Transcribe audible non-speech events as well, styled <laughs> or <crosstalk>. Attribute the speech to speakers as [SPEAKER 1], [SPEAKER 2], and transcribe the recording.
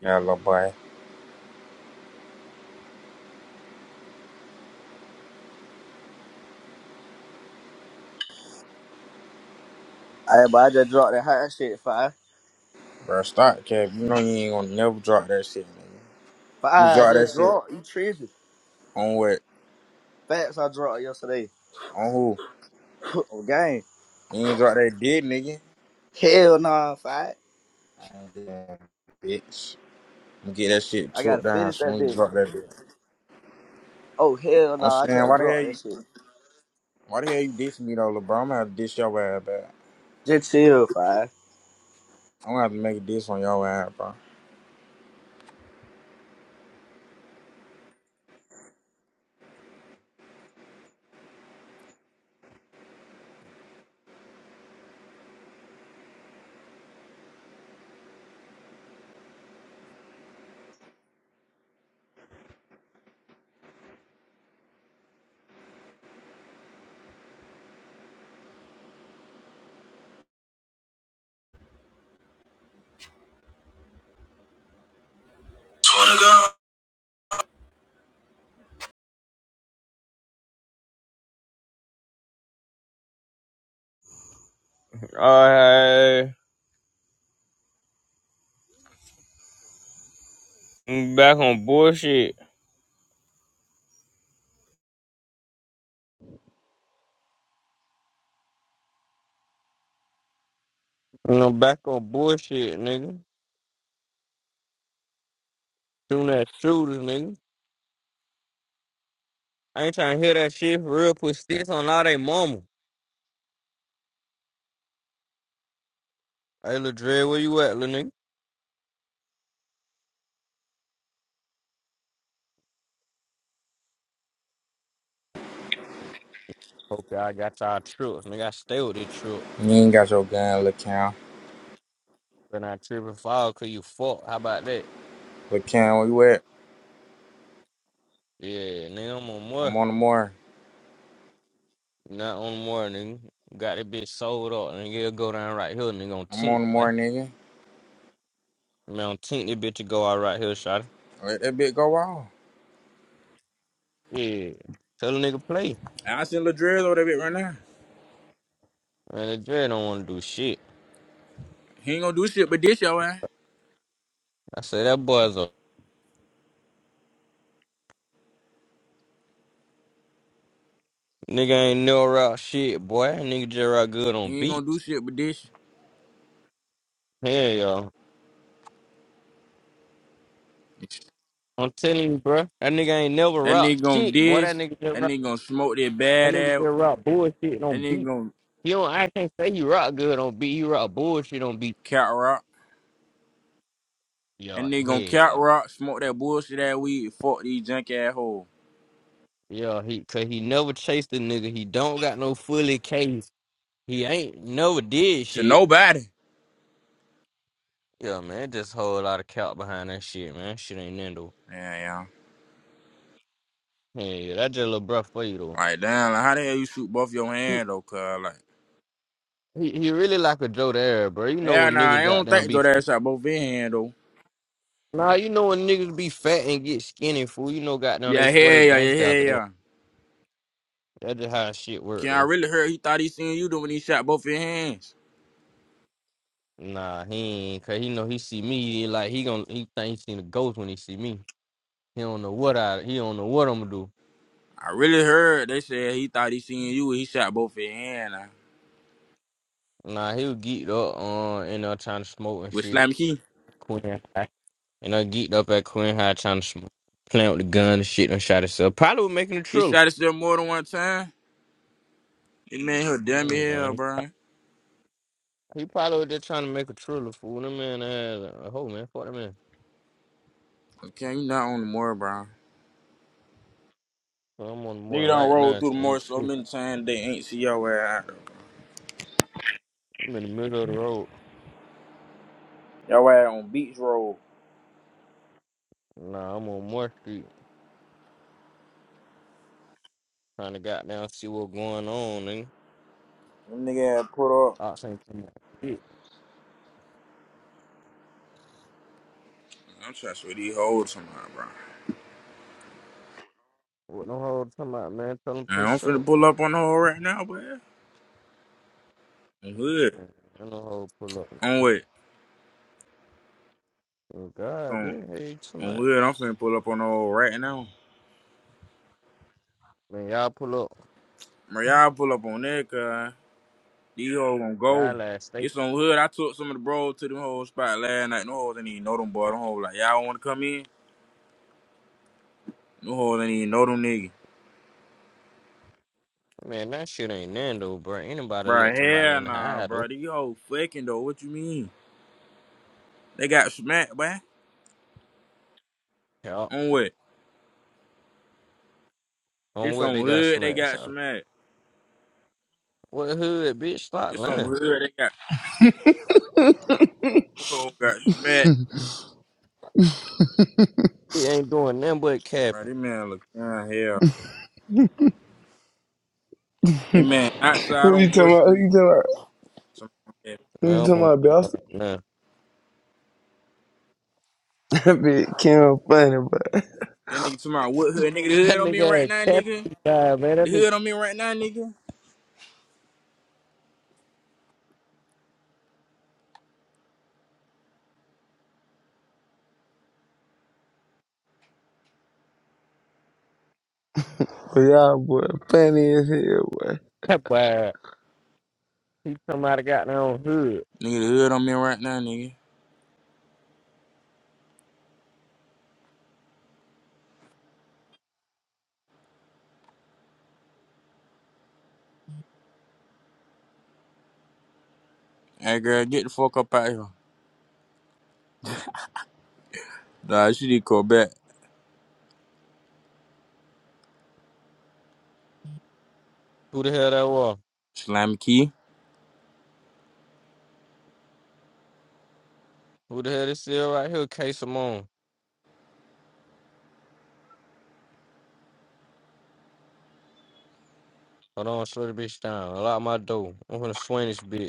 [SPEAKER 1] Yeah, little boy.
[SPEAKER 2] Hey, but I just dropped that hot shit, five.
[SPEAKER 1] Bro, stop, Cap. You know you ain't gonna never drop that shit, nigga. You
[SPEAKER 2] Five, I
[SPEAKER 1] drop
[SPEAKER 2] just
[SPEAKER 1] that shit
[SPEAKER 2] dropped. You tripping.
[SPEAKER 1] on what?
[SPEAKER 2] Facts I dropped yesterday. <laughs>
[SPEAKER 1] On who?
[SPEAKER 2] Oh, game.
[SPEAKER 1] You ain't drop that dick, nigga.
[SPEAKER 2] Hell nah, five.
[SPEAKER 1] Damn, bitch. I'm get that shit
[SPEAKER 2] I
[SPEAKER 1] tore
[SPEAKER 2] gotta
[SPEAKER 1] down
[SPEAKER 2] finish
[SPEAKER 1] so
[SPEAKER 2] that
[SPEAKER 1] we
[SPEAKER 2] bitch.
[SPEAKER 1] drop that dick.
[SPEAKER 2] Oh, hell
[SPEAKER 1] I'm
[SPEAKER 2] nah, I
[SPEAKER 1] saying,
[SPEAKER 2] can't
[SPEAKER 1] why the
[SPEAKER 2] drop
[SPEAKER 1] hell
[SPEAKER 2] that
[SPEAKER 1] you,
[SPEAKER 2] shit.
[SPEAKER 1] why the hell you dissing me though, little bro? I'm gonna have to diss your ass back.
[SPEAKER 2] Just chill, five.
[SPEAKER 1] I'm gonna have to make a diss on your ass, bro.
[SPEAKER 3] All right, I'm back on bullshit. I'm back on bullshit, nigga. Shooting that shooters, nigga. I ain't trying to hear that shit for real. Put sticks on all they mama. Hey, Lil Dre, where you at, little nigga? Hope y'all got y'all trucks, nigga. I stay with this truck.
[SPEAKER 1] You ain't got your gun, little Cam.
[SPEAKER 3] Been out tripping fall cause you fuck. How about that?
[SPEAKER 1] Little Cam, where you at?
[SPEAKER 3] Yeah, nigga, I'm on more.
[SPEAKER 1] I'm on the more.
[SPEAKER 3] Not on more, nigga. Got that bitch sold up, nigga. It'll go down right here, nigga, on
[SPEAKER 1] I'm
[SPEAKER 3] Tink,
[SPEAKER 1] on the
[SPEAKER 3] what?
[SPEAKER 1] more, nigga.
[SPEAKER 3] Man, on Tink, this bitch will go out right here, shawty.
[SPEAKER 1] Let that bitch go off.
[SPEAKER 3] Yeah. Tell the nigga play.
[SPEAKER 1] I seen Ladrill over that bit right now.
[SPEAKER 3] Man, the Dre don't want to do shit.
[SPEAKER 1] He ain't gonna do shit but diss your ass.
[SPEAKER 3] I say that boy's a nigga ain't no rock shit, boy. That nigga just rock good on
[SPEAKER 1] He ain't gonna do
[SPEAKER 3] beats.
[SPEAKER 1] shit with this.
[SPEAKER 3] Hell yo. I'm telling you, bro. That nigga ain't never
[SPEAKER 1] That
[SPEAKER 3] rock
[SPEAKER 1] nigga gonna
[SPEAKER 3] shit, boy. That
[SPEAKER 1] diss.
[SPEAKER 3] nigga just
[SPEAKER 1] That
[SPEAKER 3] rock.
[SPEAKER 1] nigga gonna smoke that
[SPEAKER 3] That
[SPEAKER 1] bad
[SPEAKER 3] nigga just
[SPEAKER 1] ass.
[SPEAKER 3] rock bullshit
[SPEAKER 1] That
[SPEAKER 3] on
[SPEAKER 1] nigga
[SPEAKER 3] beats.
[SPEAKER 1] gonna
[SPEAKER 3] You don't. I can't say he rock good on beat. He rock bullshit on beats.
[SPEAKER 1] cat rock. That
[SPEAKER 3] Yo,
[SPEAKER 1] nigga gonna cat
[SPEAKER 3] hell.
[SPEAKER 1] rock, smoke that bullshit that weed, fuck these junk ass hoes.
[SPEAKER 3] Yo, he cause he never chased a nigga. He don't got no fully case. He ain't never did
[SPEAKER 1] To
[SPEAKER 3] shit.
[SPEAKER 1] nobody.
[SPEAKER 3] Yo, man, just whole lot of cap behind that shit, man. Shit ain't nothing
[SPEAKER 1] Yeah, yeah.
[SPEAKER 3] Hey, that just a little bruh for you
[SPEAKER 1] Like, damn, like, how the hell you shoot both your
[SPEAKER 3] though.
[SPEAKER 1] hand, though, cuz? Like,
[SPEAKER 3] He, he really like a Joe there, bro. You know
[SPEAKER 1] yeah,
[SPEAKER 3] when
[SPEAKER 1] nah,
[SPEAKER 3] niggas
[SPEAKER 1] I
[SPEAKER 3] got
[SPEAKER 1] don't
[SPEAKER 3] down
[SPEAKER 1] think
[SPEAKER 3] be
[SPEAKER 1] Jordan shot both his hand, though.
[SPEAKER 3] nah, you know when niggas be fat and get skinny, fool. You know goddamn
[SPEAKER 1] Yeah,
[SPEAKER 3] they
[SPEAKER 1] hell
[SPEAKER 3] swear they
[SPEAKER 1] yeah, yeah,
[SPEAKER 3] gangsta
[SPEAKER 1] hell
[SPEAKER 3] after that.
[SPEAKER 1] yeah.
[SPEAKER 3] That's just how shit work
[SPEAKER 1] Can I
[SPEAKER 3] though.
[SPEAKER 1] really heard he thought he seen you though when he shot both his hands?
[SPEAKER 3] Nah, he ain't cause he know he see me he like he gon' he think he seen a ghost when he see me. He don't know what I he don't know what I'm gonna do.
[SPEAKER 1] I really heard they said he thought he seen you when he shot both his hand. uh,
[SPEAKER 3] Nah, he'll geeked up uh and uh trying to smoke and
[SPEAKER 1] With
[SPEAKER 3] shit.
[SPEAKER 1] Slam Key.
[SPEAKER 3] Queen High. And I geeked up at Queen High trying to smoke, playing with the gun and shit and shot himself. Probably was making a
[SPEAKER 1] He
[SPEAKER 3] triller.
[SPEAKER 1] shot us there more than one time. He made her damn me hell, bro.
[SPEAKER 3] He probably was just trying to make a trailer fool. That man had a hoe, man. Fuck that man.
[SPEAKER 1] Okay, you not on the moor, bro.
[SPEAKER 3] So I'm on
[SPEAKER 1] Nigga
[SPEAKER 3] more
[SPEAKER 1] done
[SPEAKER 3] right
[SPEAKER 1] rolled
[SPEAKER 3] now,
[SPEAKER 1] through the
[SPEAKER 3] so you
[SPEAKER 1] moor so
[SPEAKER 3] trip.
[SPEAKER 1] many times they ain't see your ass out
[SPEAKER 3] I'm in the middle of the road.
[SPEAKER 1] there. all ass on beach road.
[SPEAKER 3] Nah, I'm on Moore Street trying to goddamn see what's going on, nigga.
[SPEAKER 1] Them nigga had put up.
[SPEAKER 3] I ain't talking about shit.
[SPEAKER 1] I'm trying to see these hoes tomorrow, bro.
[SPEAKER 3] What no hoe talking about, man? Tell him
[SPEAKER 1] Man, I'm
[SPEAKER 3] push
[SPEAKER 1] finna
[SPEAKER 3] up.
[SPEAKER 1] pull up on the hole right now, bro. On hood.
[SPEAKER 3] Man, ain't no hoe pull up.
[SPEAKER 1] On what?
[SPEAKER 3] Oh, God,
[SPEAKER 1] On,
[SPEAKER 3] man. Hey, you talking
[SPEAKER 1] on
[SPEAKER 3] about?
[SPEAKER 1] hood, I'm finna pull up on the hole right now.
[SPEAKER 3] Man, y'all pull up.
[SPEAKER 1] Bro, y'all pull up on that, cuz. These hoes gonna
[SPEAKER 3] Y'all
[SPEAKER 1] go.
[SPEAKER 3] last station.
[SPEAKER 1] It's on hood. I took some of the bros to them whole spot last night. No hoes didn't even know them boy. Them hoes like, y'all wanna come in? No hoes ain't even know them niggas.
[SPEAKER 3] Man, that shit ain't Nando, bro. Anybody
[SPEAKER 1] Bruh,
[SPEAKER 3] let somebody
[SPEAKER 1] hell
[SPEAKER 3] in the
[SPEAKER 1] nah,
[SPEAKER 3] hide, though.
[SPEAKER 1] bruh. These hoes fucking though. What you mean? They got smacked, boy.
[SPEAKER 3] Y'all.
[SPEAKER 1] On what?
[SPEAKER 3] On
[SPEAKER 1] This
[SPEAKER 3] what
[SPEAKER 1] on
[SPEAKER 3] they got
[SPEAKER 1] hood, they
[SPEAKER 3] smashed
[SPEAKER 1] got
[SPEAKER 3] on.
[SPEAKER 1] smacked.
[SPEAKER 3] What hood, bitch? Stop
[SPEAKER 1] This on
[SPEAKER 3] lying.
[SPEAKER 1] hood, they got hoes got smacked.
[SPEAKER 3] He ain't doing nothing but
[SPEAKER 1] Bruh,
[SPEAKER 3] capping.
[SPEAKER 1] this man look down hell. That man outside
[SPEAKER 4] Who you
[SPEAKER 1] on Moore
[SPEAKER 4] talking about? Who
[SPEAKER 1] Street.
[SPEAKER 4] you talking about?
[SPEAKER 1] Some- That
[SPEAKER 4] Who
[SPEAKER 3] Man,
[SPEAKER 4] you
[SPEAKER 3] I don't
[SPEAKER 4] talking
[SPEAKER 3] want
[SPEAKER 4] about?
[SPEAKER 3] to
[SPEAKER 4] Boston?
[SPEAKER 3] no.
[SPEAKER 4] <laughs> That bitch Kim funny, but
[SPEAKER 1] That nigga talking about what hood? Nigga, the
[SPEAKER 3] That
[SPEAKER 1] hood on me
[SPEAKER 3] nigga
[SPEAKER 1] right
[SPEAKER 3] had
[SPEAKER 1] now, nigga.
[SPEAKER 3] capping guy, man. That
[SPEAKER 1] The hood
[SPEAKER 3] nigga
[SPEAKER 1] on me right now, nigga.
[SPEAKER 4] but y'all boy funny as hell. boy.
[SPEAKER 3] capping. He come out of goddamn hood.
[SPEAKER 1] Nigga, the hood on me right now, nigga. Hey, girl, get the fuck up out here. Nah, she did call back.
[SPEAKER 3] Who the hell that was?
[SPEAKER 1] Slimy key.
[SPEAKER 3] Who the hell this is right here? K Simone. Hold on, slow the bitch down. Lock my door. I'm gonna swing this bitch.